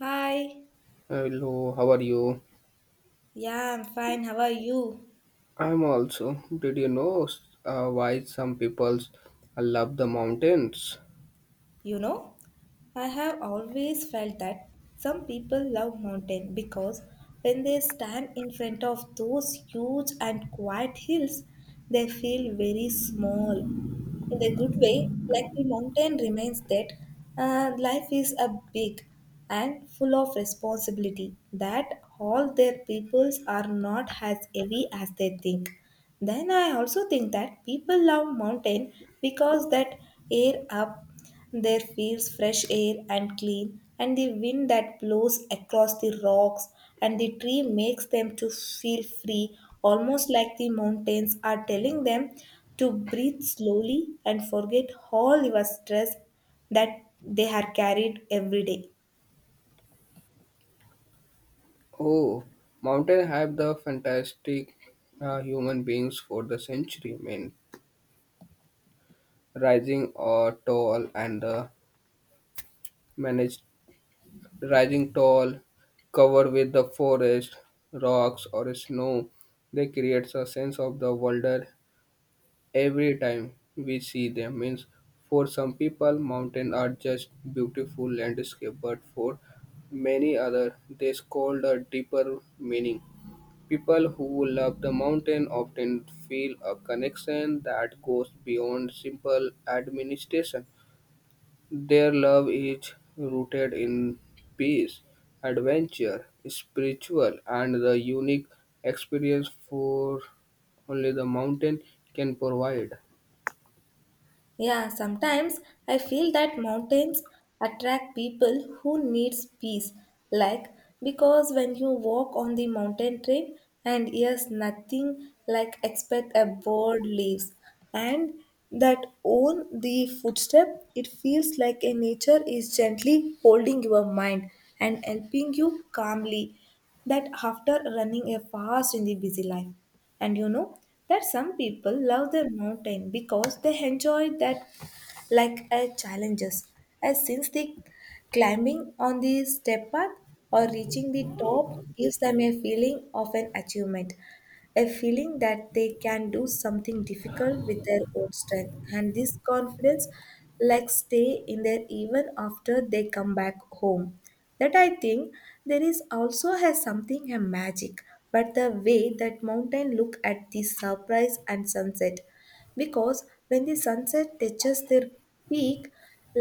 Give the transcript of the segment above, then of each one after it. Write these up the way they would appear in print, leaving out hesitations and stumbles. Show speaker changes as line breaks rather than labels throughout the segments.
Hi.
Hello, how are you?
Yeah, I'm fine. How are you?
I'm also. Did you know why some people love the mountains?
You know, I have always felt that some people love mountain because when they stand in front of those huge and quiet hills, they feel very small. In a good way, like the mountain reminds that life is a big and full of responsibility, that all their peoples are not as heavy as they think. Then I also think that people love mountain because that air up there feels fresh air and clean, and the wind that blows across the rocks and the tree makes them to feel free, almost like the mountains are telling them to breathe slowly and forget all your stress that they have carried every day.
Oh, mountain have the fantastic human beings for the century. Man, rising or tall and managed rising tall, covered with the forest, rocks or snow, they creates a sense of the wonder every time we see them means for some people mountains are just beautiful landscape but for many other they hold a deeper meaning. People who love the mountain often feel a connection that goes beyond simple administration. Their love is rooted in peace, adventure, spiritual and the unique experience for only the mountain can provide.
Yeah, sometimes I feel that mountains attract people who needs peace. Like, because when you walk on the mountain trail and hears nothing like expect a bird leaves and that own the footstep, it feels like a nature is gently holding your mind and helping you calmly that after running a fast in the busy life. And you know that some people love their mountain because they enjoy that like a challenges as since the climbing on the step path or reaching the top gives them a feeling of an achievement, a feeling that they can do something difficult with their own strength and this confidence like stay in there even after they come back home. That I think there is also has something a magic but the way that mountain look at the surprise and sunset, because when the sunset touches their peak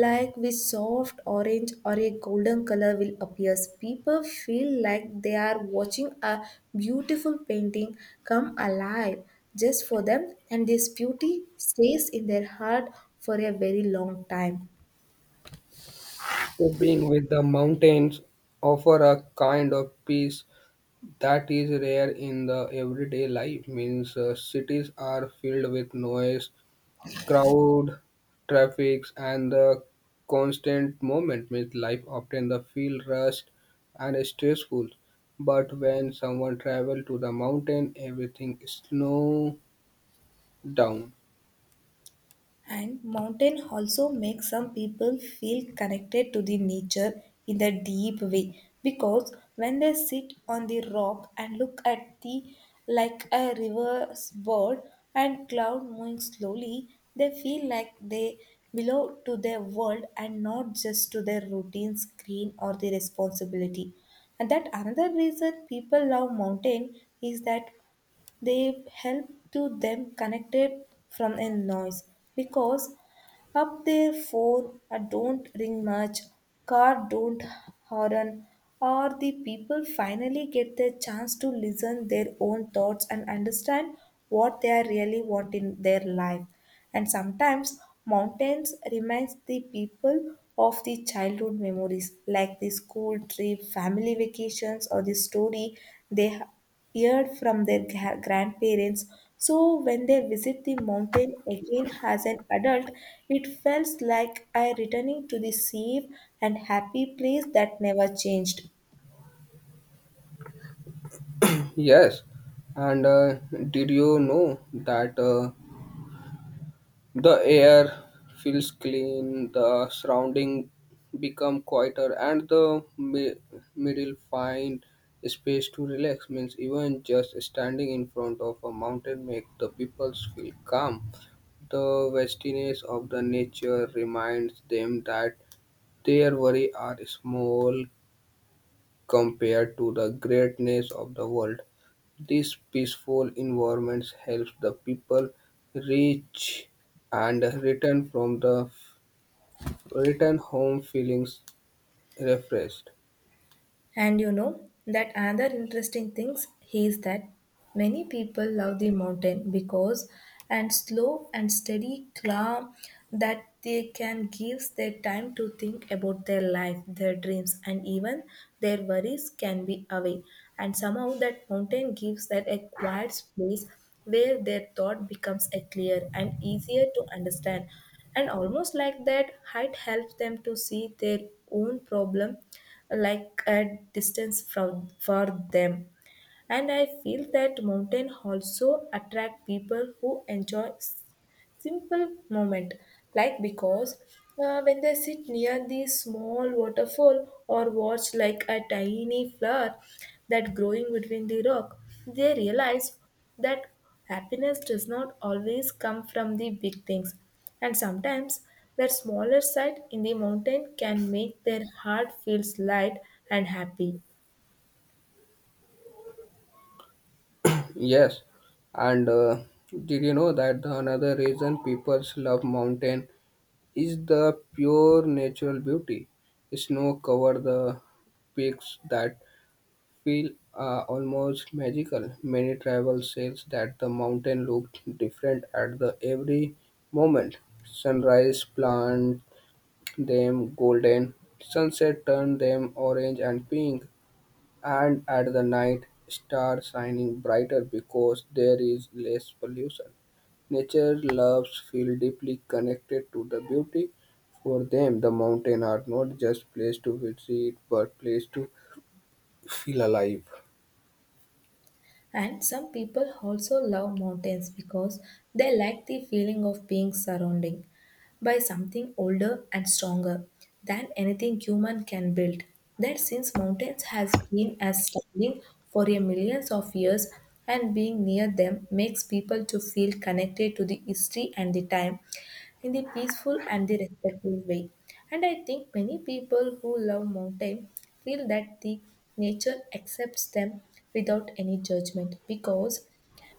like with soft orange or a golden color will appear, people feel like they are watching a beautiful painting come alive just for them, and this beauty stays in their heart for a very long time.
Trekking with the mountains offer a kind of peace that is rare in the everyday life. Means cities are filled with noise, crowd, traffic, and the constant movement. Means life often the feel rushed and stressful. But when someone travel to the mountain, everything slow down.
And mountain also make some people feel connected to the nature in a deep way because when they sit on the rock and look at the like a river's board and cloud moving slowly, they feel like they belong to their world and not just to their routine screen or the responsibility. And that another reason people love mountain is that they help to them connected from a noise, because up their phone don't ring much, car don't horn, or the people finally get the chance to listen their own thoughts and understand what they are really want in their life. And sometimes mountains reminds the people of the childhood memories like the school trip, family vacations, or the story they heard from their grandparents. So when they visit the mountain again as an adult, it felt like I returning to the safe and happy place that never changed.
Yes, and did you know that? The air feels clean, the surrounding become quieter, and the middle find space to relax. Means even just standing in front of a mountain make the people feel calm. The vastness of the nature reminds them that their worry are small compared to the greatness of the world. These peaceful environments helps the people reach and return from the return home feelings refreshed.
And you know that another interesting things is that many people love the mountain because and slow and steady calm that they can give their time to think about their life, their dreams, and even their worries can be away. And somehow that mountain gives that a quiet space where their thought becomes a clear and easier to understand, and almost like that height helps them to see their own problem like at distance from for them. And I feel that mountain also attract people who enjoy simple moment, like because when they sit near the small waterfall or watch like a tiny flower that growing between the rock, they realize that happiness does not always come from the big things, and sometimes that smaller sight in the mountain can make their heart feels light and happy.
Yes, and did you know that the another reason people love mountain is the pure natural beauty? Snow cover the peaks that feel almost magical. Many travel says that the mountain looked different at the every moment. Sunrise plant them golden, sunset turned them orange and pink, and at the night stars shining brighter because there is less pollution. Nature loves feel deeply connected to the beauty. For them, the mountain are not just place to visit, but place to feel alive.
And some people also love mountains because they like the feeling of being surrounded by something older and stronger than anything human can build. That since mountains has been as standing for a millions of years, and being near them makes people to feel connected to the history and the time in the peaceful and the respectful way. And I think many people who love mountain feel that the nature accepts them without any judgment, because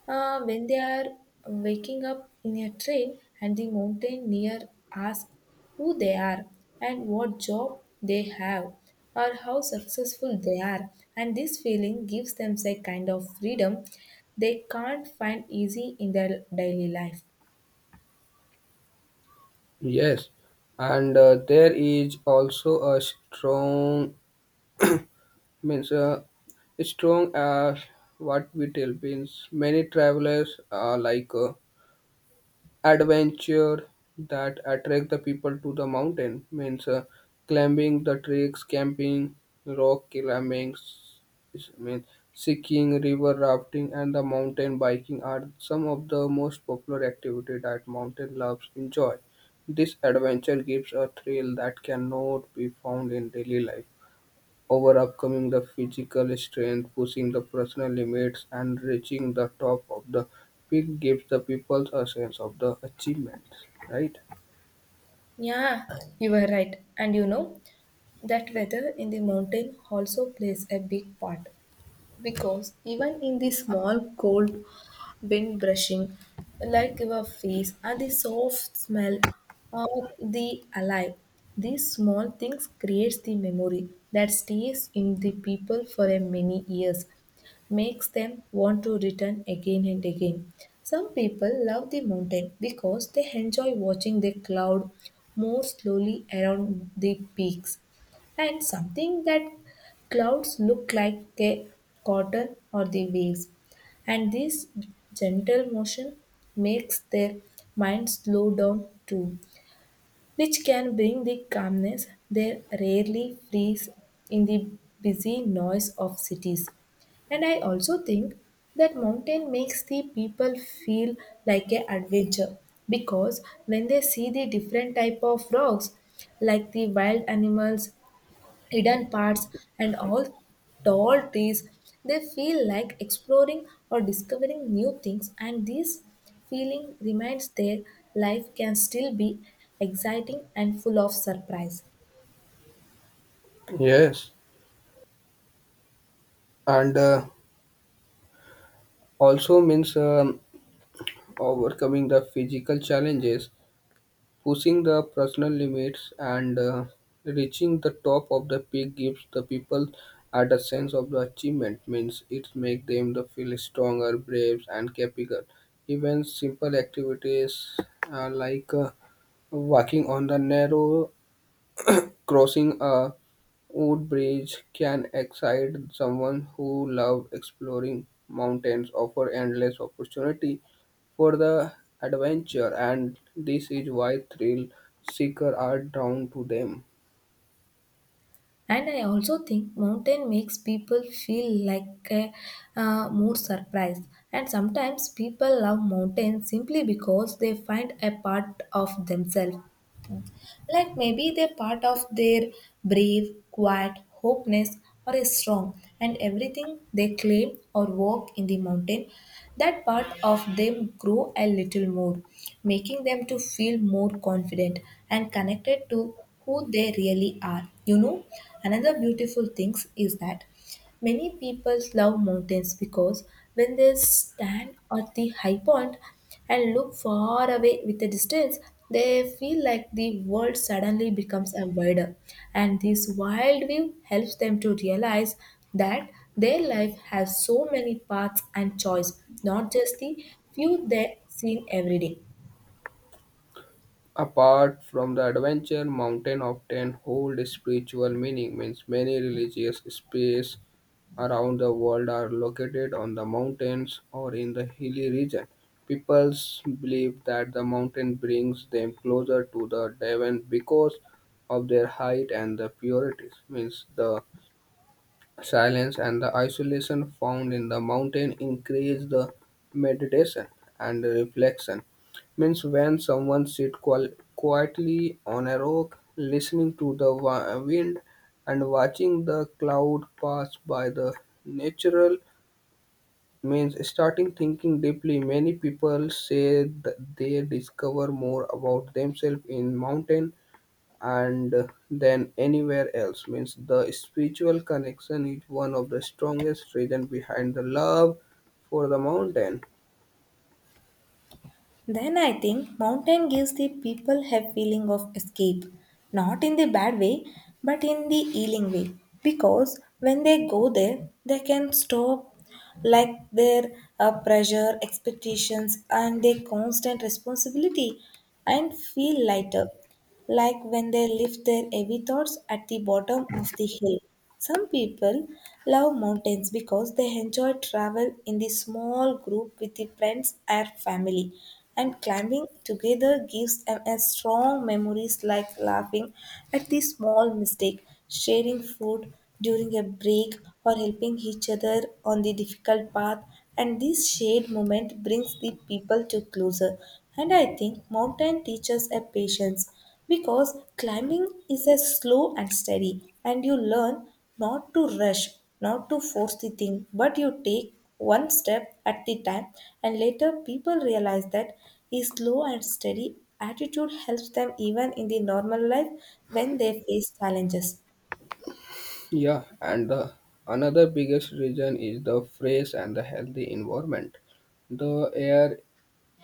when they are waking up in a train and the mountaineer asks who they are and what job they have or how successful they are, and this feeling gives them a kind of freedom they can't find easy in their daily life.
Yes, and there is also a strong, means strong as what we tell, means many travelers like. Adventure that attract the people to the mountain, means climbing the treks, camping, rock climbing, means skiing, river rafting and the mountain biking are some of the most popular activity that mountain loves enjoy. This adventure gives a thrill that cannot be found in daily life. Overcoming the physical strength, pushing the personal limits, and reaching the top of the peak gives the people a sense of the achievement, right?
Yeah, you were right. And you know that weather in the mountain also plays a big part. Because even in the small cold wind brushing, like your face, and the soft smell of the alive, these small things creates the memory that stays in the people for a many years, makes them want to return again and again. Some people love the mountain because they enjoy watching the cloud more slowly around the peaks, and something that clouds look like the cotton or the waves, and this gentle motion makes their mind slow down too, which can bring the calmness they rarely freeze in the busy noise of cities. And I also think that mountain makes the people feel like an adventure because when they see the different type of rocks like the wild animals, hidden parts, and all tall trees, they feel like exploring or discovering new things, and this feeling reminds their life can still be exciting and full of surprise.
Yes, and also means overcoming the physical challenges, pushing the personal limits and reaching the top of the peak gives the people at a sense of the achievement, means it makes them the feel stronger, brave and capable. Even simple activities like walking on the narrow, crossing a wood bridge can excite someone who loves exploring. Mountains offer endless opportunity for the adventure, and this is why thrill seekers are drawn to them.
And I also think mountain makes people feel like a, more surprised. And sometimes people love mountains simply because they find a part of themselves. Like maybe they're part of their brave, quiet, hopeless, or a strong, and everything they claim or walk in the mountain, that part of them grow a little more, making them to feel more confident and connected to who they really are. You know, another beautiful thing is that many people love mountains because when they stand at the high point and look far away with the distance, they feel like the world suddenly becomes a wider. And this wild view helps them to realize that their life has so many paths and choice, not just the few they see every day.
Apart from the adventure, mountain often hold spiritual meaning, means many religious space around the world are located on the mountains or in the hilly region. People believe that the mountain brings them closer to the divine because of their height and the purities. Means the silence and the isolation found in the mountain increase the meditation and reflection. Means when someone sit quietly on a rock, listening to the wind and watching the cloud pass by the natural, means starting thinking deeply. Many people say that they discover more about themselves in mountain and than anywhere else. Means the spiritual connection is one of the strongest reason behind the love for the mountain.
Then I think mountain gives the people a feeling of escape, not in the bad way, but in the healing way. Because when they go there, they can stop like their pressure, expectations, and their constant responsibility and feel lighter, like when they lift their heavy thoughts at the bottom of the hill. Some people love mountains because they enjoy travel in the small group with the friends or family, and climbing together gives them a strong memories like laughing at the small mistake, sharing food during a break, or helping each other on the difficult path. And this shared moment brings the people to closer. And I think mountain teaches a patience because climbing is a slow and steady, and you learn not to rush, not to force the thing, but you take one step at the time. And later people realize that a slow and steady attitude helps them even in the normal life when they face challenges.
Yeah, and the another biggest reason is the fresh and the healthy environment. The air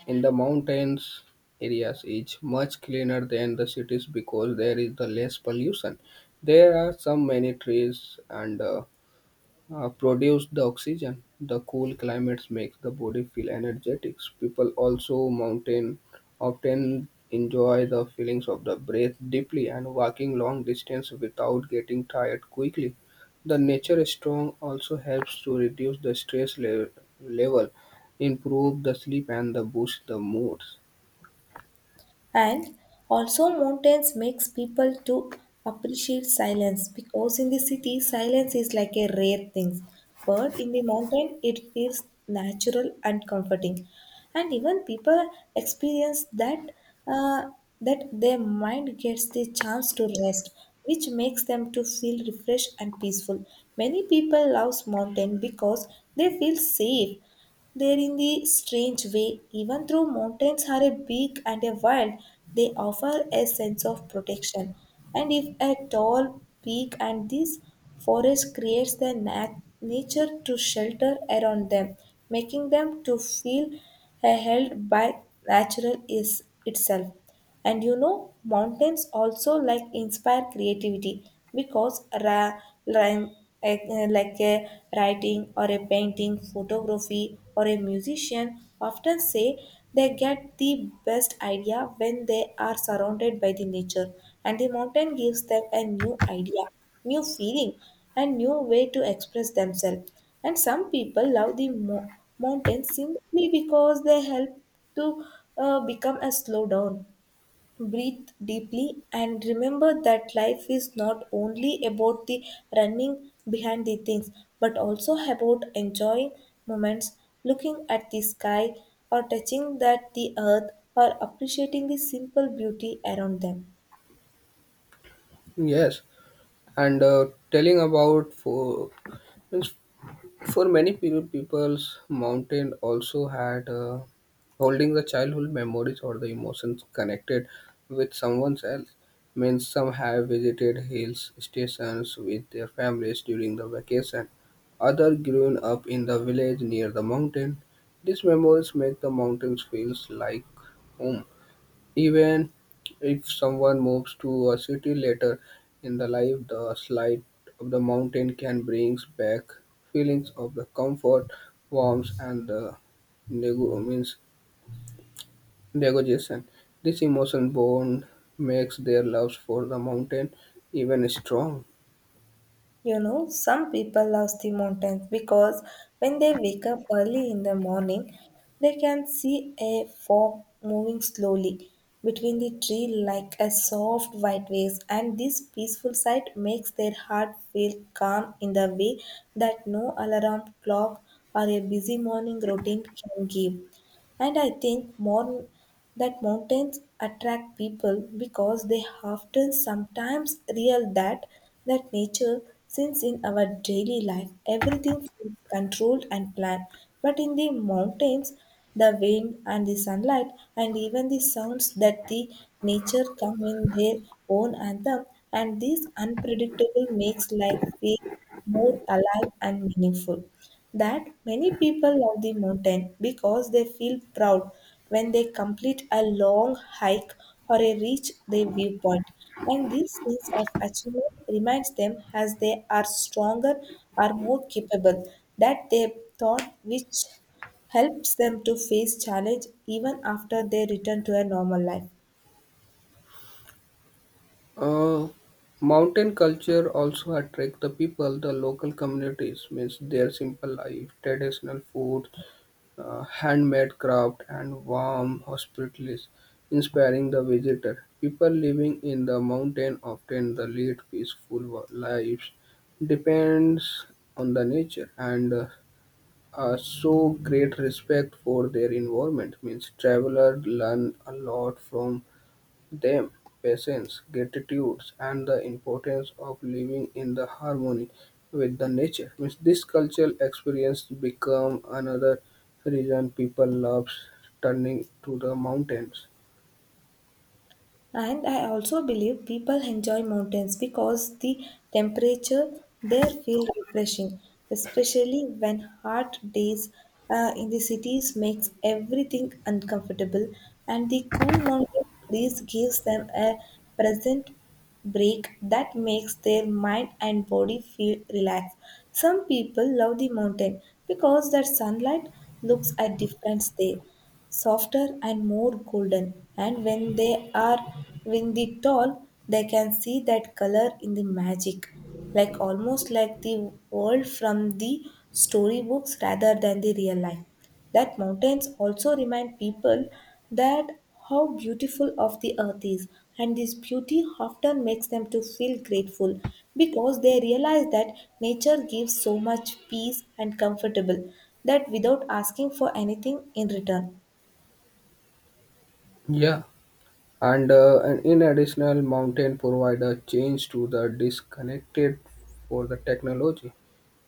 in the mountains areas is much cleaner than the cities because there is the less pollution. There are some many trees and produce the oxygen. The cool climates makes the body feel energetic. People also mountain often enjoy the feelings of the breath deeply and walking long distance without getting tired quickly. The nature strong also helps to reduce the stress level, improve the sleep and the boost the moods.
And also mountains makes people to appreciate silence, because in the city silence is like a rare thing. But in the mountain it feels natural and comforting. And even people experience that uh, that their mind gets the chance to rest, which makes them to feel refreshed and peaceful. Many people love mountain because they feel safe there, in the strange way, even though mountains are a big and a wild, they offer a sense of protection. And if a tall peak and this forest creates the nature to shelter around them, making them to feel held by natural is itself. And you know, mountains also like inspire creativity because line- like a writing or a painting, photography or a musician often say they get the best idea when they are surrounded by the nature, and the mountain gives them a new idea, new feeling, and new way to express themselves. And some people love the mountains simply because they help to become a slow down, breathe deeply and remember that life is not only about the running behind the things, but also about enjoying moments, looking at the sky, or touching that the earth, or appreciating the simple beauty around them.
Yes, and telling about for many people, peoples, mountain also had holding the childhood memories or the emotions connected with someone else. Means some have visited hill stations with their families during the vacation. Others grew up in the village near the mountain. These memories make the mountains feels like home. Even if someone moves to a city later in the life, the sight of the mountain can bring back feelings of the comfort, warmth, and the means negotiation. This emotion bond makes their love for the mountain even strong.
Some people love the mountains because when they wake up early in the morning, they can see a fog moving slowly between the tree like a soft white waves, and this peaceful sight makes their heart feel calm in the way that no alarm clock or a busy morning routine can give. And I think more that mountains attract people because they often sometimes real that nature, since in our daily life everything feels controlled and planned, but in the mountains the wind and the sunlight and even the sounds that the nature come in their own anthem, and this unpredictable makes life feel more alive and meaningful. That many people love the mountain because they feel proud when they complete a long hike or a reach their viewpoint. And this sense of achievement reminds them as they are stronger or more capable that they thought, which helps them to face challenge even after they return to a normal life.
Uh, Mountain culture also attract the people, the local communities, means their simple life, traditional food, handmade craft, and warm hospitalities, inspiring the visitor. People living in the mountain often the lead peaceful lives, depends on the nature and so great respect for their environment, means traveler learn a lot from them patience, gratitude, and the importance of living in the harmony with the nature. Means this cultural experience become another reason people love turning to the mountains.
And I also believe people enjoy mountains because the temperature there feel refreshing, especially when hot days in the cities makes everything uncomfortable, and the cool mountain breeze gives them a present break that makes their mind and body feel relaxed. Some people love the mountain because their sunlight looks at different there, softer and more golden. And when they are windy tall, they can see that color in the magic, like almost like the world from the storybooks rather than the real life. That mountains also remind people that how beautiful of the earth is, and this beauty often makes them to feel grateful because they realize that nature gives so much peace and comfortable that without asking for anything in return.
Yeah, and in additional, mountain provide a change to the disconnected for the technology.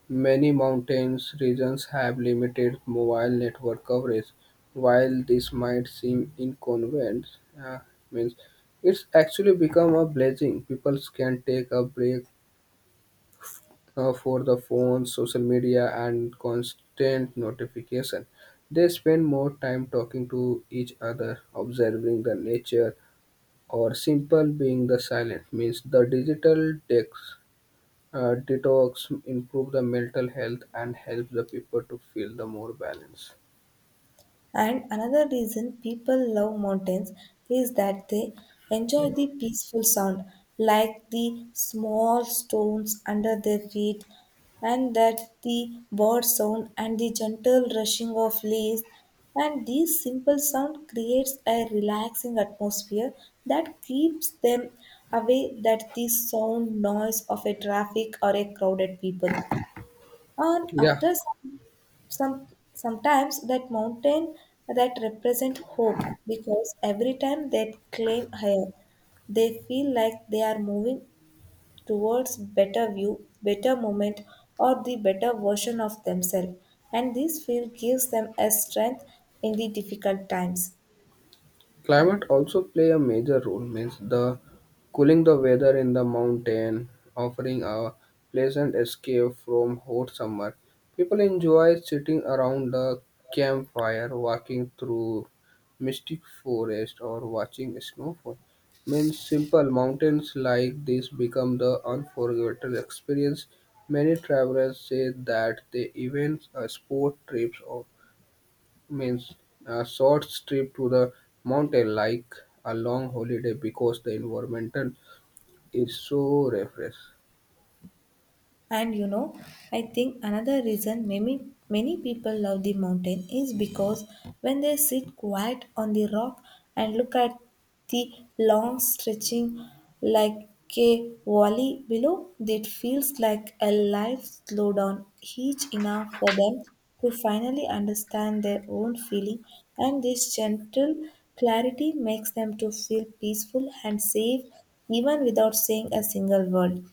Many mountainous regions have limited mobile network coverage. While this might seem inconvenient, uh, means it's actually become a blessing. People can take a break for the phone, social media, and constant notification. They spend more time talking to each other, observing the nature, or simple being the silent. Means the digital decks detox improve the mental health and help the people to feel the more balance.
And another reason people love mountains is that they enjoy the peaceful sound, like the small stones under their feet, and that the bird sound and the gentle rushing of leaves. And this simple sound creates a relaxing atmosphere that keeps them away that the sound noise of a traffic or a crowded people. And
Yeah,
after some sometimes that mountain that represent hope, because every time they climb higher, they feel like they are moving towards better view, better moment, or the better version of themselves. And this feel gives them a strength in the difficult times.
climate also play a major role, means the cooling the weather in the mountain, offering a pleasant escape from hot summer. People enjoy sitting around the campfire, walking through mystic forest or watching snowfall. Means simple mountains like this become the unforgettable experience. Many travelers say that they even sport trips or means a short trip to the mountain like a long holiday because the environment is so refresh.
And I think another reason many people love the mountain is because when they sit quiet on the rock and look at the long stretching like a valley below, it feels like a life slowed down each enough for them to finally understand their own feeling, and this gentle clarity makes them to feel peaceful and safe even without saying a single word.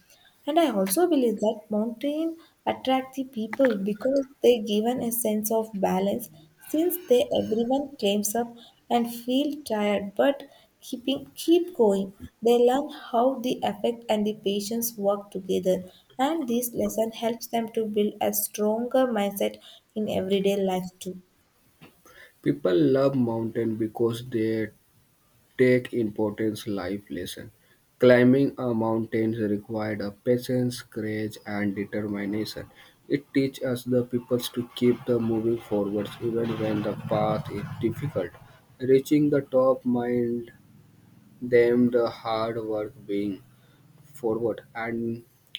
And I also believe that mountain attract the people because they given a sense of balance, since they everyone climbs up and feel tired but keep going. They learn how the effect and the patience work together, and this lesson helps them to build a stronger mindset in everyday life too.
People love mountain because they take important life lesson. Climbing a mountain required a patience, courage, and determination. It teaches us the peoples to keep the moving forwards even when the path is difficult. Reaching the top mind them the hard work being forward, and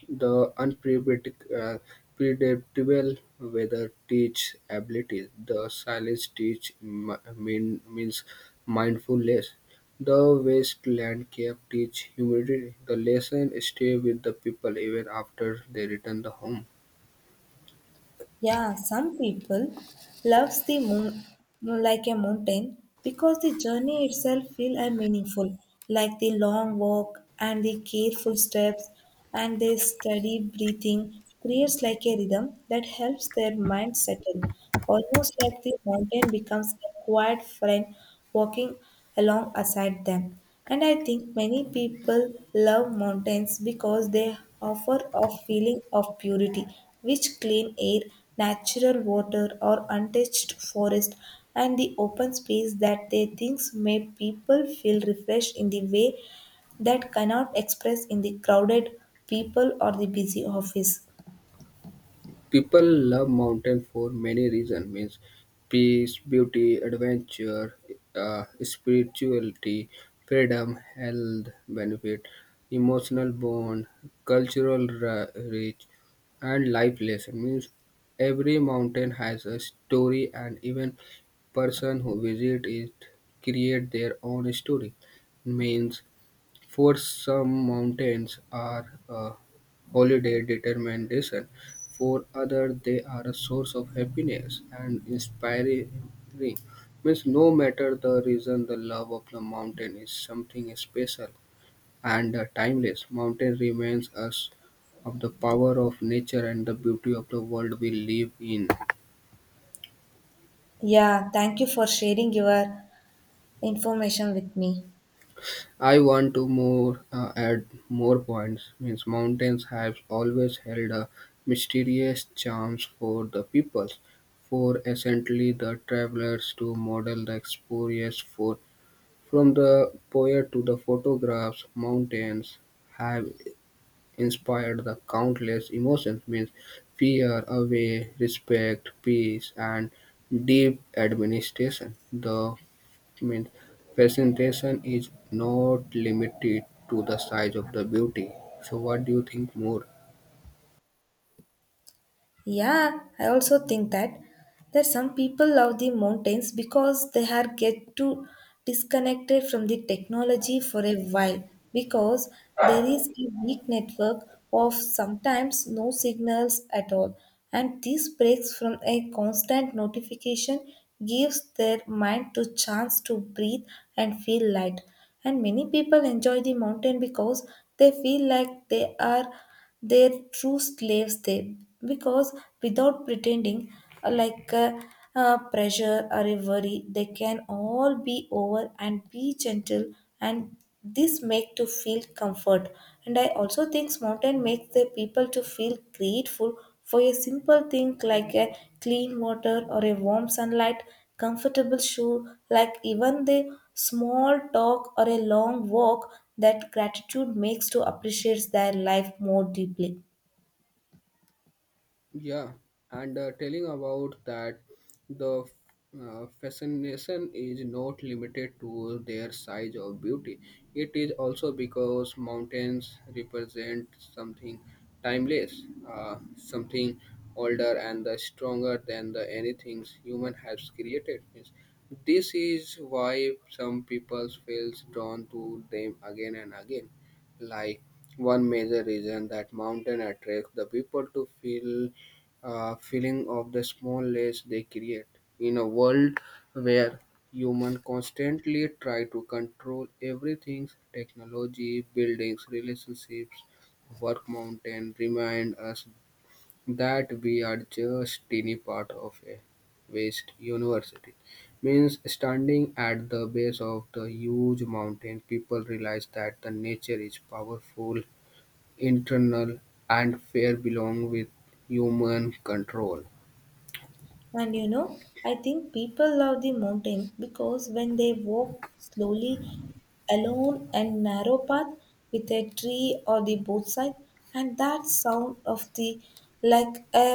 the unpredictable predictable weather teach abilities. The silence teach means mindfulness. The wasteland landscape teach humility. The lesson stay with the people even after they return the home.
Yeah, some people loves the moon like a mountain because the journey itself feel and meaningful, like the long walk and the careful steps and the steady breathing creates like a rhythm that helps their mind settle. Almost like the mountain becomes a quiet friend walking along aside them. And I think many people love mountains because they offer a feeling of purity, which clean air, natural water, or untouched forest, and the open space that they think make people feel refreshed in the way that cannot express in the crowded people or the busy office.
People love mountain for many reasons, means peace, beauty, adventure, spirituality, freedom, health benefit, emotional bond, cultural reach, and life lesson. Means every mountain has a story and even person who visit it create their own story. Means for some, mountains are a holiday determination. For others, they are a source of happiness and inspiring. Means no matter the reason, the love of the mountain is something special and timeless. Mountain reminds us of the power of nature and the beauty of the world we live in.
Yeah, thank you for sharing your information with me.
I want to more add more points. Means mountains have always held a mysterious charms for the peoples, for essentially the travelers to model the experience for from the poet to the photographs. Mountains have inspired the countless emotions. Means fear, away, respect, peace, and deep administration. The means presentation is not limited to the size of the beauty, so what do you think more?
Yeah, I also think that some people love the mountains because they are get to disconnected from the technology for a while, because there is a weak network of sometimes no signals at all, and these breaks from a constant notification gives their mind to chance to breathe and feel light. And many people enjoy the mountain because they feel like they are their true slaves they, because without pretending, like pressure or a worry they can all be over and be gentle, and this make to feel comfort. And I also think mountain makes the people to feel grateful for a simple thing like a clean water or a warm sunlight, comfortable shoe, like even they small talk or a long walk, that gratitude makes to appreciate their life more deeply.
Yeah, and telling about that the fascination is not limited to their size or beauty. It is also because mountains represent something timeless, something older and stronger than the anything human has created. Means this is why some people feels drawn to them again and again. Like one major reason that mountain attracts the people to feel feeling of the small less they create. In a world where humans constantly try to control everything, technology, buildings, relationships, work, mountain remind us that we are just tiny part of a vast university. Means standing at the base of the huge mountain, people realize that the nature is powerful, internal, and fair belong with human control.
And I think people love the mountain because when they walk slowly alone and narrow path with a tree or the both side, and that sound of the like a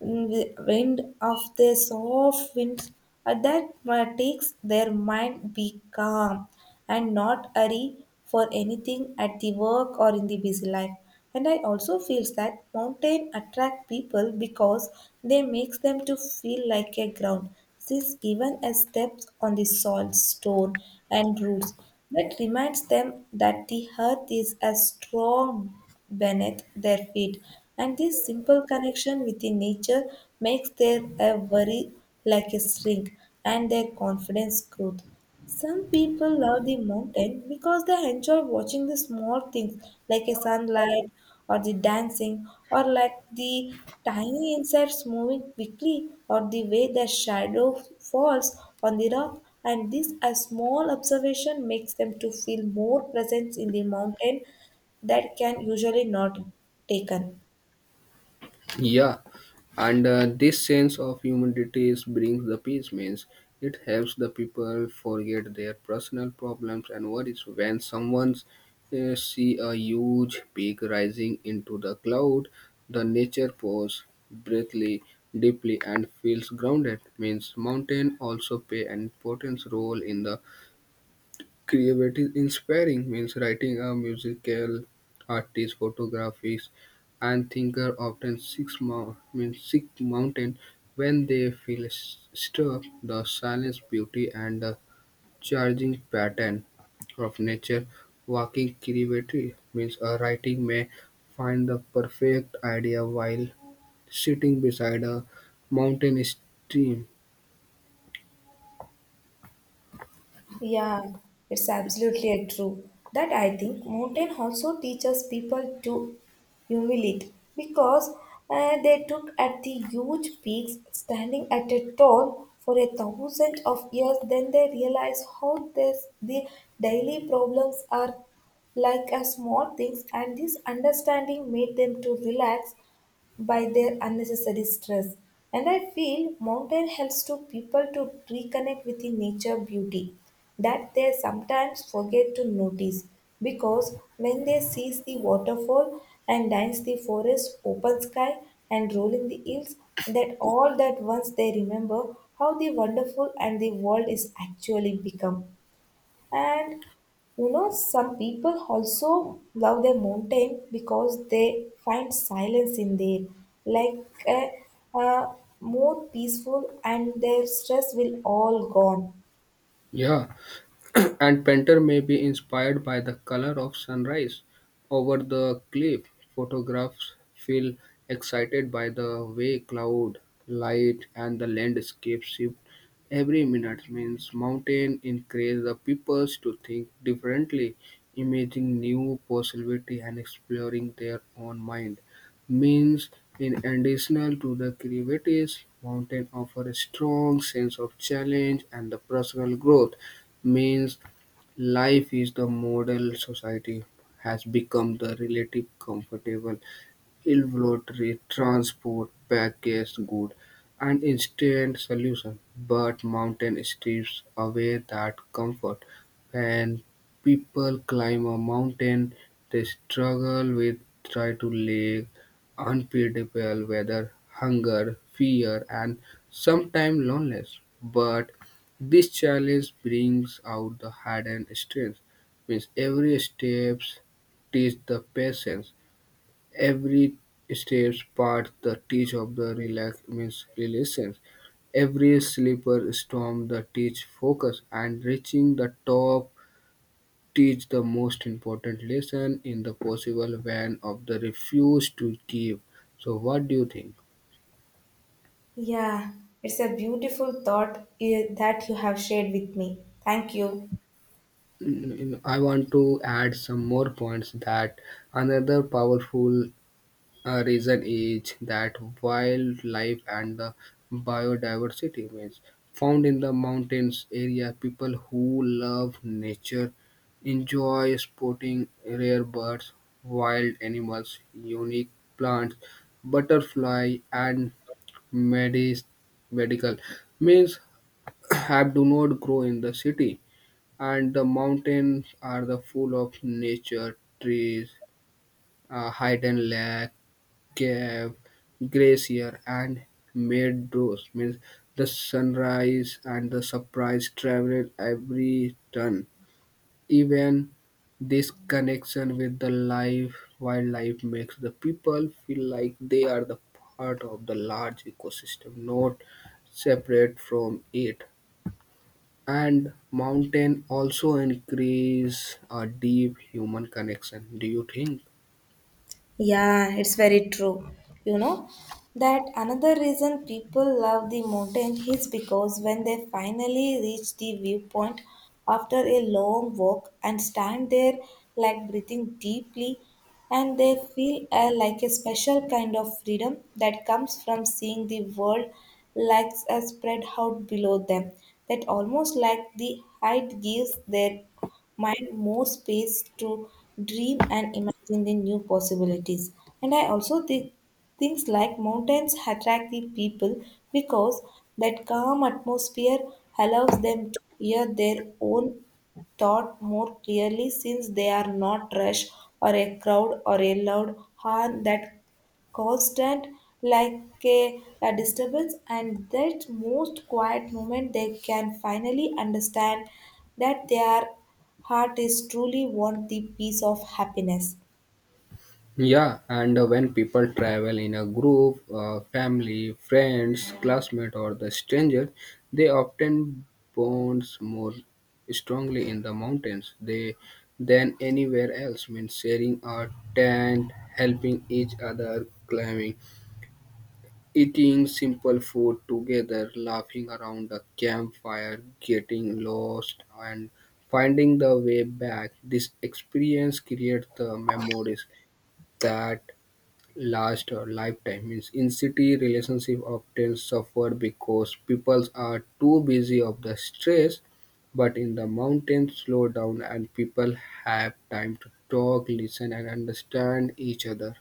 wind of the soft wind that takes their mind be calm and not hurry for anything at the work or in the busy life. And I also feels that mountain attract people because they makes them to feel like a ground. Since even a step on the soil, stone and roots that reminds them that the earth is as strong beneath their feet. And this simple connection with the nature makes their a worry like a string, and their confidence growth. Some people love the mountain because they enjoy watching the small things like a sunlight or the dancing or like the tiny insects moving quickly or the way their shadow falls on the rock, and this a small observation makes them to feel more presence in the mountain that can usually not taken.
Yeah, and this sense of humanity is brings the peace, means it helps the people forget their personal problems and worries. When someone see a huge peak rising into the cloud, the nature pause breathly deeply and feels grounded. Means mountain also play an important role in the creative inspiring, means writing a musical artist, photographers, and thinker often seek, means seek mountain when they feel struck the silence, beauty, and the charging pattern of nature. Walking creativity means a writing may find the perfect idea while sitting beside a mountain stream.
Yeah, it's absolutely a true. That I think mountain also teaches people to humiliate because they took at the huge peaks standing at a tall for a thousand of years. Then they realize how this the daily problems are like a small things, and this understanding made them to relax by their unnecessary stress. And I feel mountain helps to people to reconnect with the nature beauty that they sometimes forget to notice, because when they sees the waterfall and dance the forest, open sky and rolling the hills, that all that once they remember how the wonderful and the world is actually become. And some people also love their mountain because they find silence in there, like a more peaceful, and their stress will all gone.
Yeah. And painter may be inspired by the color of sunrise over the cliff. Photographs feel excited by the way cloud, light, and the landscape shift every minute. Means mountain encourage the peoples to think differently, imagining new possibility and exploring their own mind. Means in addition to the creativity, mountain offer a strong sense of challenge and the personal growth means life is the model society has become the relative comfortable inventory, transport, packaged good and instant solution. But mountain strips away that comfort. When people climb a mountain, they struggle with try to live unpredictable weather, hunger, fear, and sometimes loneliness. But this challenge brings out the hidden strength. Means every steps teach the patience. Every step part the teach of the relax means relations. Every slipper storm the teach focus and reaching the top teach the most important lesson in the possible van of the refuse to give. So what do you think?
Yeah, it's a beautiful thought that you have shared with me. Thank you.
I want to add some more points that another powerful a reason is that wildlife and the biodiversity means found in the mountains area people who love nature enjoy spotting rare birds, wild animals, unique plants, butterfly, and medis- medical means have do not grow in the city, and the mountains are the full of nature trees, hidden lake, Cape, Glacier, and Meadows means the sunrise and the surprise travel every turn. Even this connection with the life wildlife makes the people feel like they are the part of the large ecosystem, not separate from it. And mountain also increase a deep human connection. Do you think?
Yeah, it's very true. You know, that another reason people love the mountain is because when they finally reach the viewpoint after a long walk and stand there like breathing deeply, and they feel like a special kind of freedom that comes from seeing the world like spread out below them, that almost like the height gives their mind more space to dream and imagine the new possibilities. And I also think things like mountains attract the people because that calm atmosphere allows them to hear their own thought more clearly, since they are not rushed or a crowd or a loud horn that constant like a disturbance, and that most quiet moment they can finally understand that their heart is truly want the peace of happiness.
Yeah, and when people travel in a group, family, friends, classmate, or the stranger, they often bonds more strongly in the mountains they, than anywhere else. Means sharing a tent, helping each other climbing, eating simple food together, laughing around the campfire, getting lost, and finding the way back. This experience creates the memories that last a lifetime. Means in city, relationship often suffer because people are too busy of the stress. But in the mountains, slow down and people have time to talk, listen, and understand each other.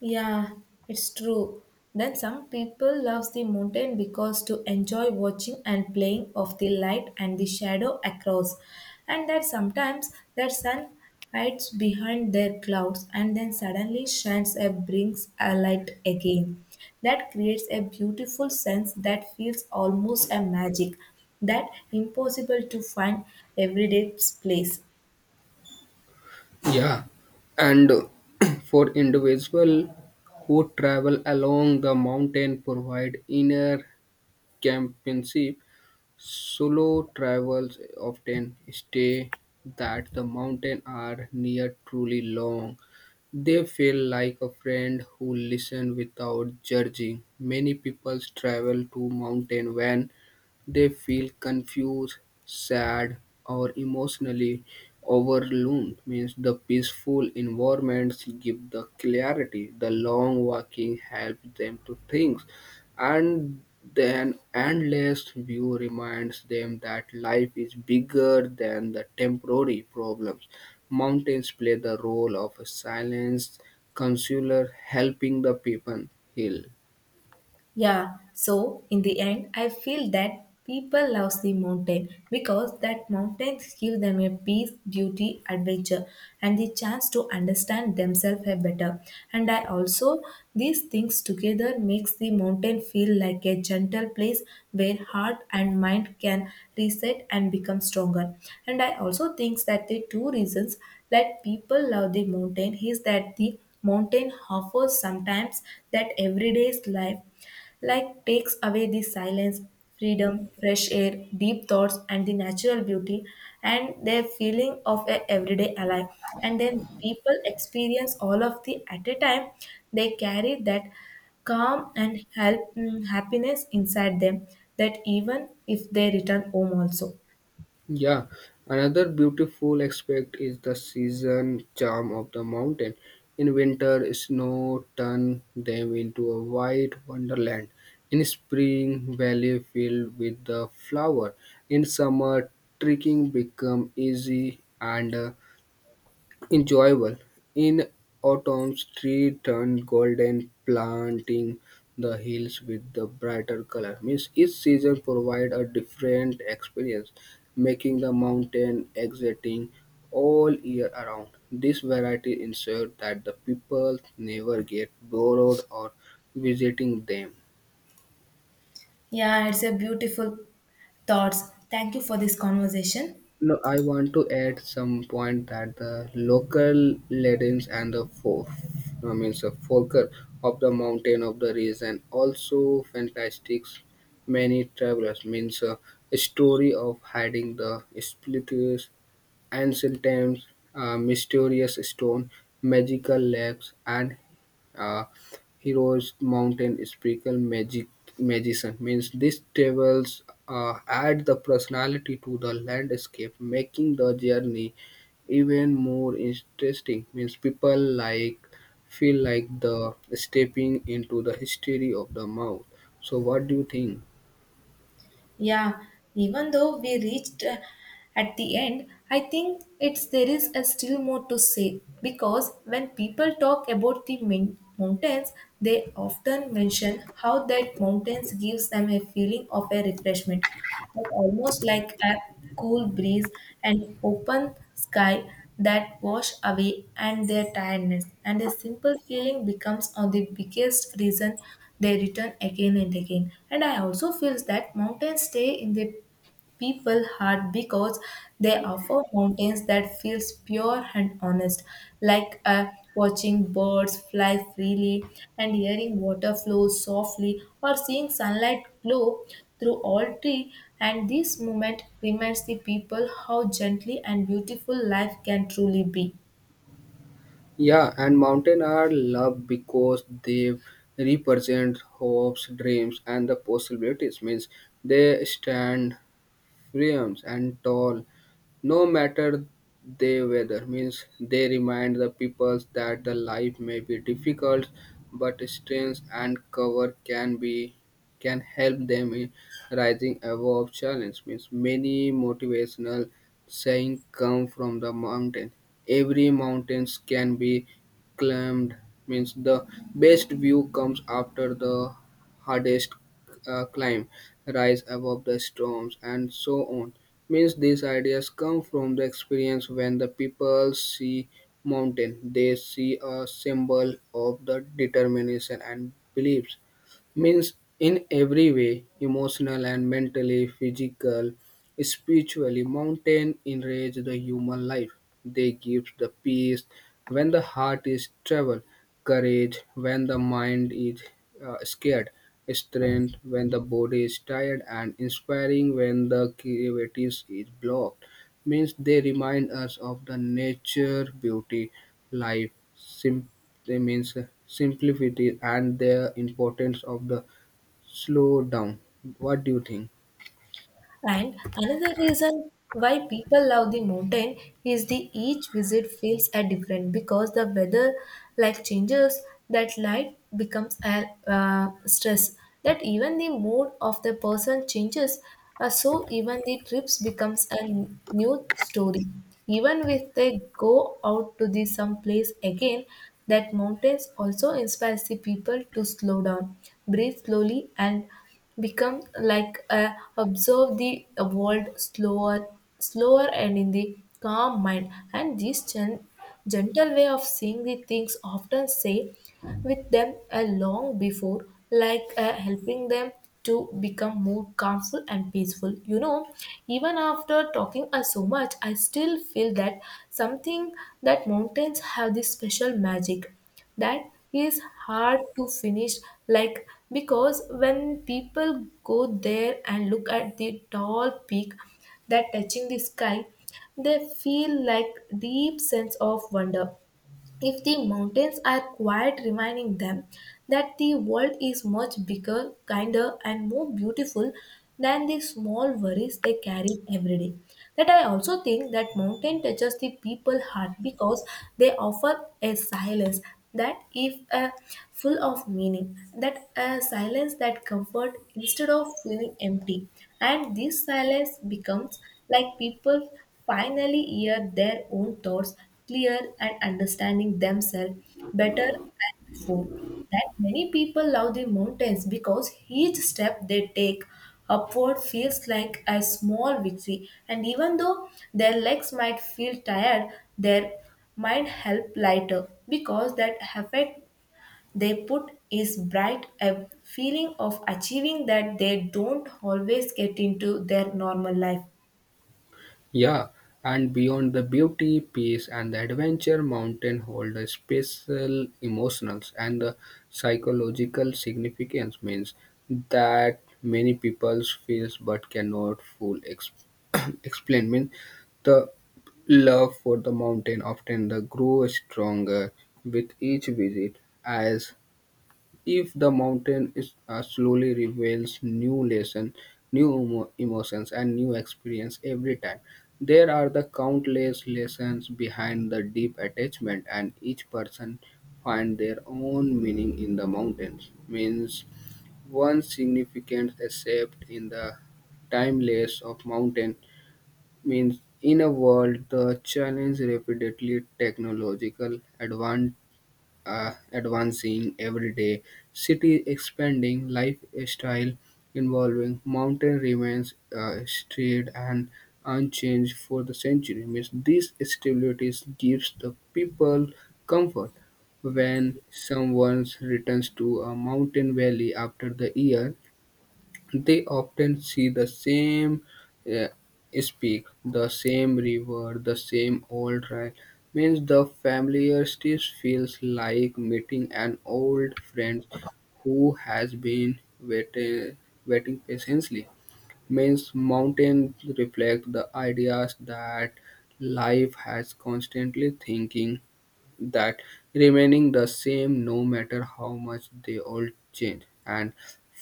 Yeah, it's true. Then some people loves the mountain because to enjoy watching and playing of the light and the shadow across. And that sometimes the sun hides behind their clouds and then suddenly shines and brings a light again. That creates a beautiful sense that feels almost a magic that impossible to find everyday place.
Yeah, and for individual who travel along the mountain, provide inner companionship. Solo travelers often say that the mountains are near truly long. They feel like a friend who listens without judging. Many people travel to mountain when they feel confused, sad, or emotionally overwhelmed. Means the peaceful environments give the clarity. The long walking helps them to think and then endless view reminds them that life is bigger than the temporary problems. Mountains play the role of a silent counselor helping the people heal.
Yeah, so in the end, I feel that people love the mountain because that mountains give them a peace, beauty, adventure, and the chance to understand themselves a better. And I also these things together makes the mountain feel like a gentle place where heart and mind can reset and become stronger. And I also think that the two reasons that people love the mountain is that the mountain offers sometimes that everyday's life like takes away the silence, freedom, fresh air, deep thoughts, and the natural beauty, and their feeling of a everyday alive. And then people experience all of the at a time. They carry that calm and help, happiness inside them. That even if they return home also.
Yeah, another beautiful aspect is the season charm of the mountain. In winter, snow turns them into a white wonderland. In spring, valley filled with the flower. In summer, trekking become easy and enjoyable. In autumn, trees turn golden, planting the hills with the brighter color. Means each season provides a different experience, making the mountain exciting all year around. This variety ensures that the people never get bored or visiting them.
Yeah, it's a beautiful thoughts. Thank you for this conversation.
No, I want to add some point that the local legends and the folk, I mean, the folklore of the mountain of the region also fantastic. Many travelers means a story of hiding the splitters ancient times, mysterious stone, magical lakes, and uh, heroes mountain sprinkle magic magician means these tables add the personality to the landscape making the journey even more interesting means people like feel like the stepping into the history of the mouth. So what do you think?
Yeah, even though we reached at the end, I think it's there is a still more to say because when people talk about the mountains, they often mention how that mountains gives them a feeling of a refreshment, but almost like a cool breeze, and open sky that wash away and their tiredness, and a simple feeling becomes on the biggest reason they return again and again. And I also feel that mountains stay in the people heart because they offer mountains that feels pure and honest, like watching birds fly freely and hearing water flow softly or seeing sunlight glow through all tree, and this moment reminds the people how gently and beautiful life can truly be.
Yeah, and mountain are loved because they represent hopes, dreams, and the possibilities. Means they stand firm and tall no matter they weather means they remind the peoples that the life may be difficult, but strength and cover can help them in rising above challenge. Means many motivational saying come from the mountain. Every mountains can be climbed. Means the best view comes after the hardest climb, rise above the storms, and so on means these ideas come from the experience. When the people see mountain, they see a symbol of the determination and beliefs means in every way emotional and mentally physical spiritually mountain enrich the human life. They give the peace when the heart is troubled, courage when the mind is scared, strength when the body is tired, and inspiring when the creativity is blocked means they remind us of the nature, beauty, life, sim- they means simplicity, and the importance of the slow down. What do you think?
And another reason why people love the mountain is the each visit feels a different because the weather like changes, that light becomes a stress, that even the mood of the person changes, so even the trips becomes a new story even if they go out to the some place again. That mountains also inspires the people to slow down, breathe slowly and become like a observe the world slower and in the calm mind, and this gentle way of seeing the things often say with them a long before, like helping them to become more calmful and peaceful. Even after talking so much, I still feel that something, that mountains have this special magic that is hard to finish, like, because when people go There and look at the tall peak that touching the sky, they feel like deep sense of wonder if the mountains are quiet, reminding them that the world is much bigger, kinder, and more beautiful than the small worries they carry every day. That I also think that mountain touches the people heart because they offer a silence that if full of meaning, that a silence that comfort instead of feeling empty, and this silence becomes like people finally hear their own thoughts clear, and understanding themselves better than before. That many people love the mountains because each step they take upward feels like a small victory, and even though their legs might feel tired, their mind help lighter because that effect they put is bright, a feeling of achieving that they don't always get into their normal life.
Yeah, and beyond the beauty, peace, and the adventure, mountain hold a special emotional and the psychological significance means that many people feels but cannot explain. Means the love for the mountain often the grow stronger with each visit as if the mountain is, slowly reveals new lessons, emotions, and new experience every time. There are the countless lessons behind the deep attachment, and each person find their own meaning in the mountains. Means one significant except in the timeless of mountain means in a world the challenge rapidly technological advance advancing every day, city expanding, lifestyle involving mountain remains straight and unchanged for the century. Means these stabilities gives the people comfort when someone returns to a mountain valley after the year, they often see the same uh, speak, the same river, the same old trail. Means the familiarity feels like meeting an old friend who has been waiting patiently. Means mountains reflect the ideas that life has constantly thinking that remaining the same no matter how much they all change. And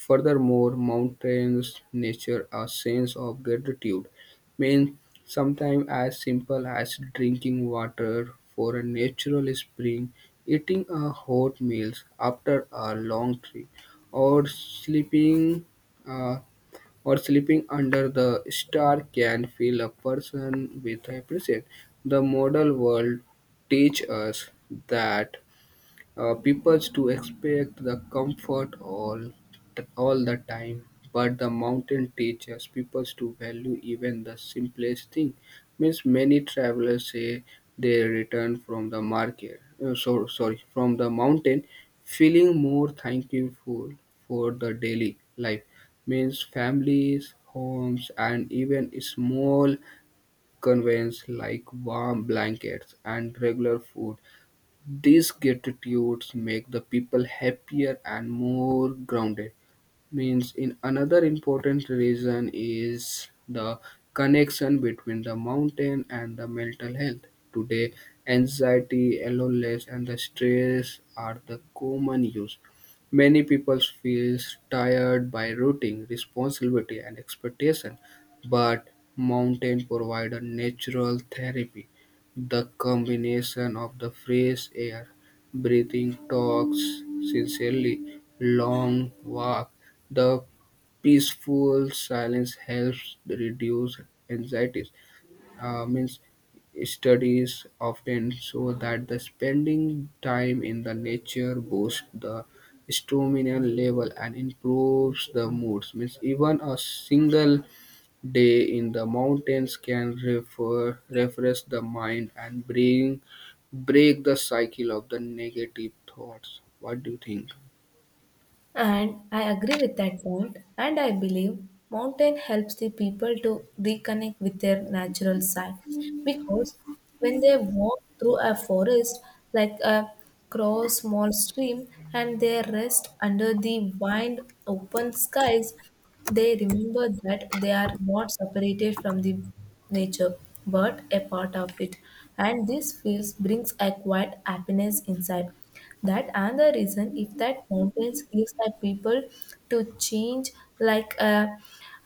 furthermore, mountains nature a sense of gratitude means sometimes as simple as drinking water for a natural spring, eating a hot meal after a long trip, or Uh, sleeping under the star can fill a person with appreciation. The model world teach us that people to expect the comfort all the time, but the mountain teaches people to value even the simplest thing means many travelers say they return from the mountain feeling more thankful for the daily life means families, homes, and even small conveniences like warm blankets and regular food, these gratitudes make the people happier and more grounded means in another important reason is the connection between the mountain and the mental health. Today, anxiety, loneliness, and the stress are the common use. Many people feel tired by routine responsibility and expectation, but mountain provide a natural therapy. The combination of the fresh air, breathing talks sincerely, long walk, the peaceful silence helps reduce anxieties. Means studies often show that the spending time in the nature boosts the stamina level and improves the moods. Means even a single day in the mountains can refresh the mind and bring break the cycle of the negative thoughts. What do you think?
And I agree with that point, and I believe mountain helps the people to reconnect with their natural side because when they walk through a forest like a cross small stream and they rest under the wide open skies, they remember that they are not separated from the nature but a part of it, and this feels brings a quiet happiness inside. That and the reason if that mountains gives that people to change like a,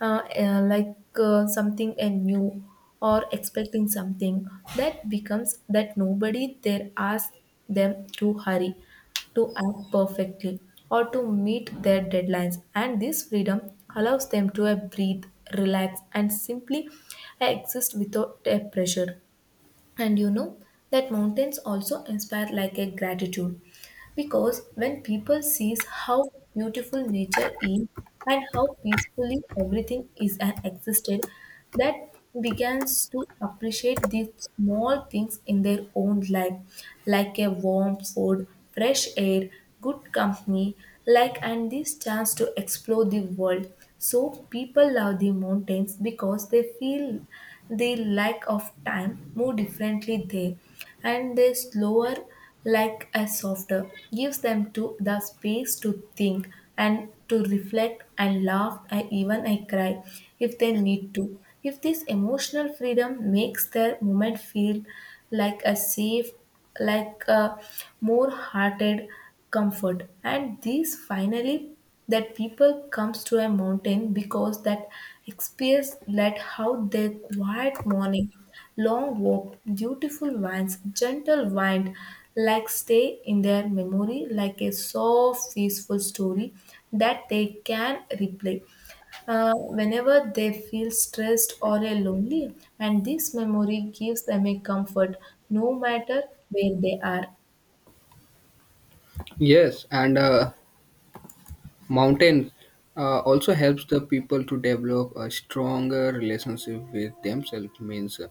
uh, uh, like uh, something and new or expecting something that becomes, that nobody there asks them to hurry, to act perfectly, or to meet their deadlines. And this freedom allows them to breathe, relax, and simply exist without a pressure. And you know that mountains also inspire like a gratitude, because when people sees how beautiful nature is and how peacefully everything is and existed, that begins to appreciate these small things in their own life, like a warm food, fresh air, good company, like and this chance to explore the world. So people love the mountains because they feel the lack of time more differently there, and they slower, like a softer gives them to the space to think and to reflect and laugh and even I cry if they need to. If this emotional freedom makes their moment feel like a safe, like a more hearted comfort. And these finally, that people comes to a mountain because that experience let how their quiet morning, long walk, beautiful winds, gentle wind like stay in their memory like a soft peaceful story that they can replay whenever they feel stressed or lonely, and this memory gives them a comfort no matter where they are.
Yes, and mountain also helps the people to develop a stronger relationship with themselves. Means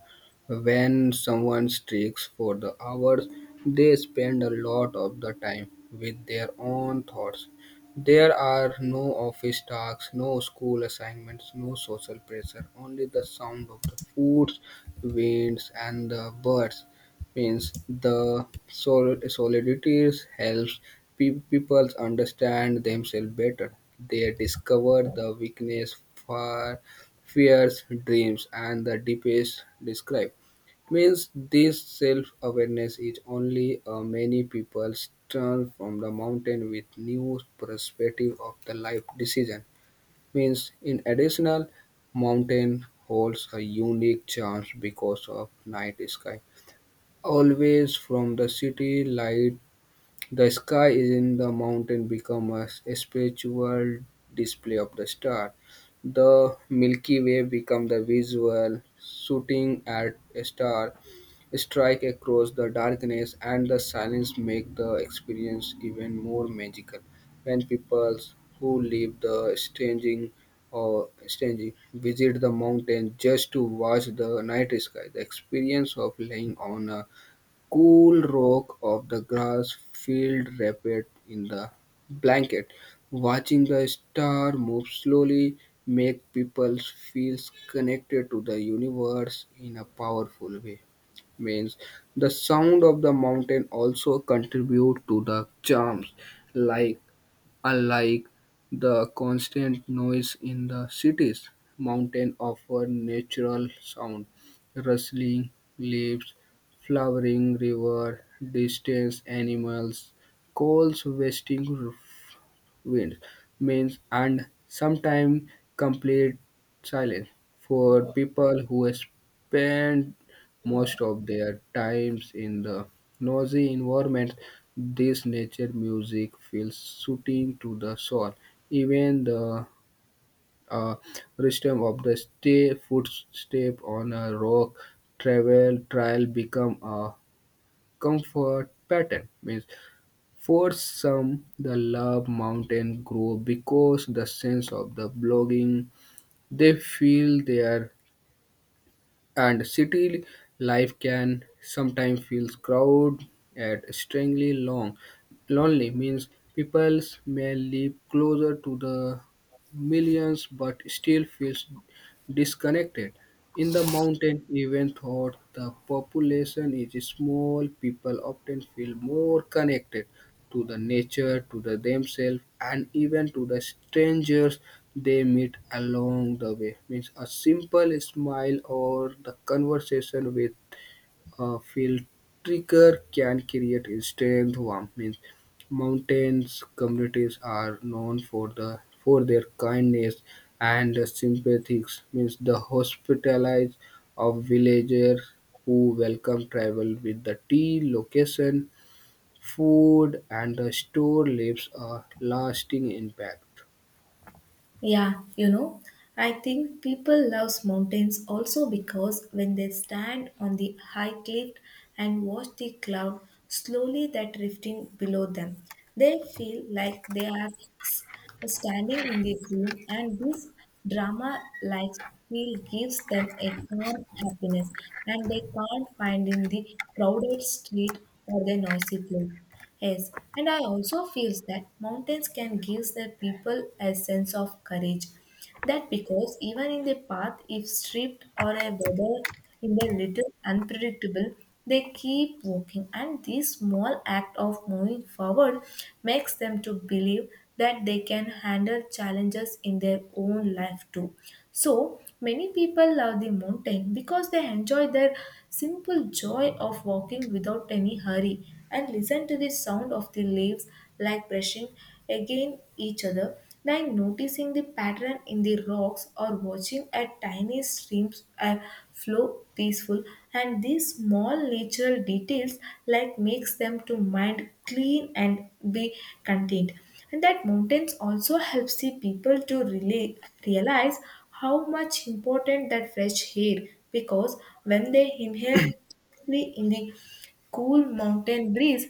when someone streaks for the hours, they spend a lot of the time with their own thoughts. There are no office tasks, no school assignments, no social pressure, only the sound of the foods, winds, and the birds means the solidity helps people understand themselves better. They discover the weakness, far, fears, dreams, and the deepest describe. Means this self-awareness is only many people turn from the mountain with new perspective of the life decision. Means in additional, mountain holds a unique charm because of night sky. Always from the city light, the sky is in the mountain become a spiritual display of the star. The Milky Way become the visual, shooting at a star, strike across the darkness, and the silence make the experience even more magical. When people who leave the staging or staging visit the mountain just to watch the night sky, the experience of laying on a cool rock of the grass field wrapped in the blanket. Watching the star move slowly make people feel connected to the universe in a powerful way. Means the sound of the mountain also contribute to the charms like unlike the constant noise in the cities, mountains offer natural sound, rustling leaves, flowering river, distant animals, calls, wasting winds, means, and sometimes complete silence for people who spend most of their times in the noisy environment. This nature music feels soothing to the soul. Even the uh, rhythm of the stay footstep on a rock travel trail become a comfort pattern means for some, the love mountain grow because the sense of the blogging. They feel there, and city life can sometimes feel crowded and strangely long. Lonely means people may live closer to the millions but still feels disconnected. In the mountain, even though the population is small, people often feel more connected to the nature, to the themselves, and even to the strangers they meet along the way. Means a simple smile or the conversation with a field trigger can create instant warmth. Means mountains communities are known for the for their kindness and sympathies. Means the hospitalities of villagers who welcome travel with the tea location food and the store leaves a lasting impact.
Yeah, you know, I think people love mountains also because when they stand on the high cliff and watch the cloud slowly that drifting below them, they feel like they are s- standing in the dream, and this drama-like feel gives them a calm happiness, and they can't find in the crowded street or the noisy place. Yes, and I also feel that mountains can give the people a sense of courage. That because even in the path, if stripped or a weather in a little unpredictable, they keep walking, and this small act of moving forward makes them to believe that they can handle challenges in their own life too. So many people love the mountain because they enjoy their simple joy of walking without any hurry and listen to the sound of the leaves like brushing against each other, like noticing the pattern in the rocks or watching a tiny streams flow peaceful, and these small natural details like makes them to mind clean and be content. And that mountains also helps the people to really realize how much important that fresh air, because when they inhale deeply in the cool mountain breeze,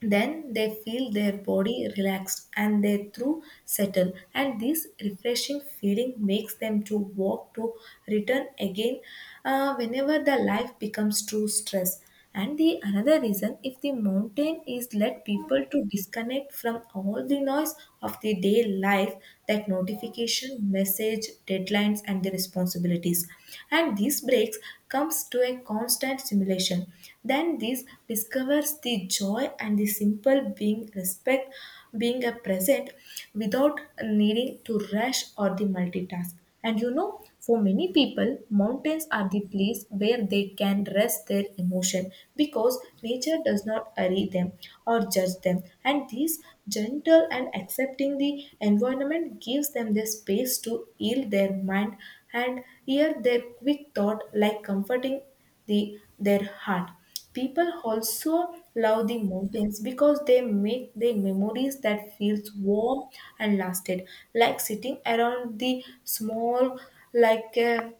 then they feel their body relaxed and their through settle. And this refreshing feeling makes them to walk to return again whenever the life becomes too stress. And the another reason, if the mountain is let people to disconnect from all the noise of the day life, that notification, message, deadlines, and the response responsibilities, and these breaks comes to a constant simulation. Then this discovers the joy and the simple being respect, being a present without needing to rush or the multitask. And you know, for many people mountains are the place where they can rest their emotion, because nature does not hurry them or judge them, and this gentle and accepting the environment gives them the space to heal their mind and hear their quick thought like comforting their heart. People also love the mountains because they make their memories that feels warm and lasted, like sitting around the small, like a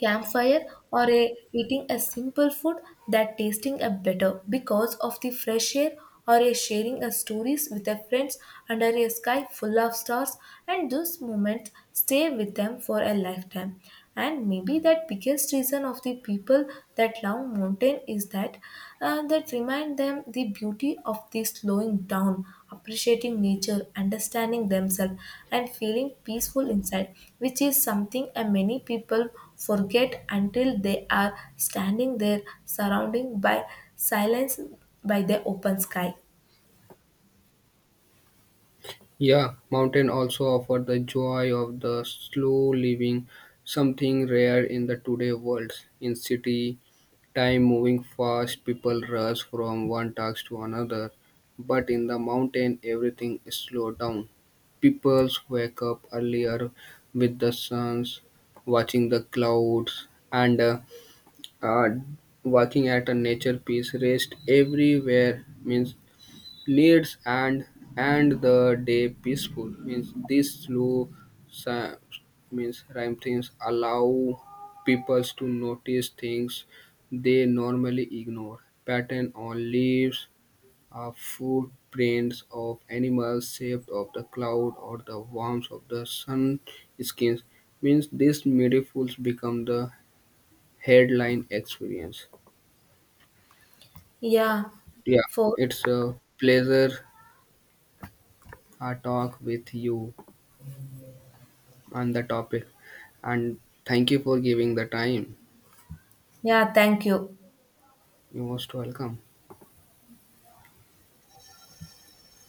campfire, or a, eating a simple food that tasting a better because of the fresh air, or a sharing a stories with their friends under a sky full of stars, and those moments stay with them for a lifetime. And maybe that biggest reason of the people that love mountain is that that remind them the beauty of the slowing down, appreciating nature, understanding themselves, and feeling peaceful inside, which is something many people forget until they are standing there surrounded by silence, by the open sky.
Yeah, mountain also offer the joy of the slow living, something rare in the today world. In city, time moving fast, people rush from one task to another. But in the mountain, everything is slowed down. People wake up earlier with the suns, watching the clouds, and uh, working at a nature piece rest everywhere means needs and the day peaceful means this sa- means rhyme things allow peoples to notice things they normally ignore, pattern on leaves, footprints of animals, shape of the cloud, or the warmth of the sun skins means these miracles become the headline experience.
Yeah.
Yeah,
For
it's a pleasure talk with you on the topic, and thank you for giving the time.
yeah, thank you.
You're most welcome.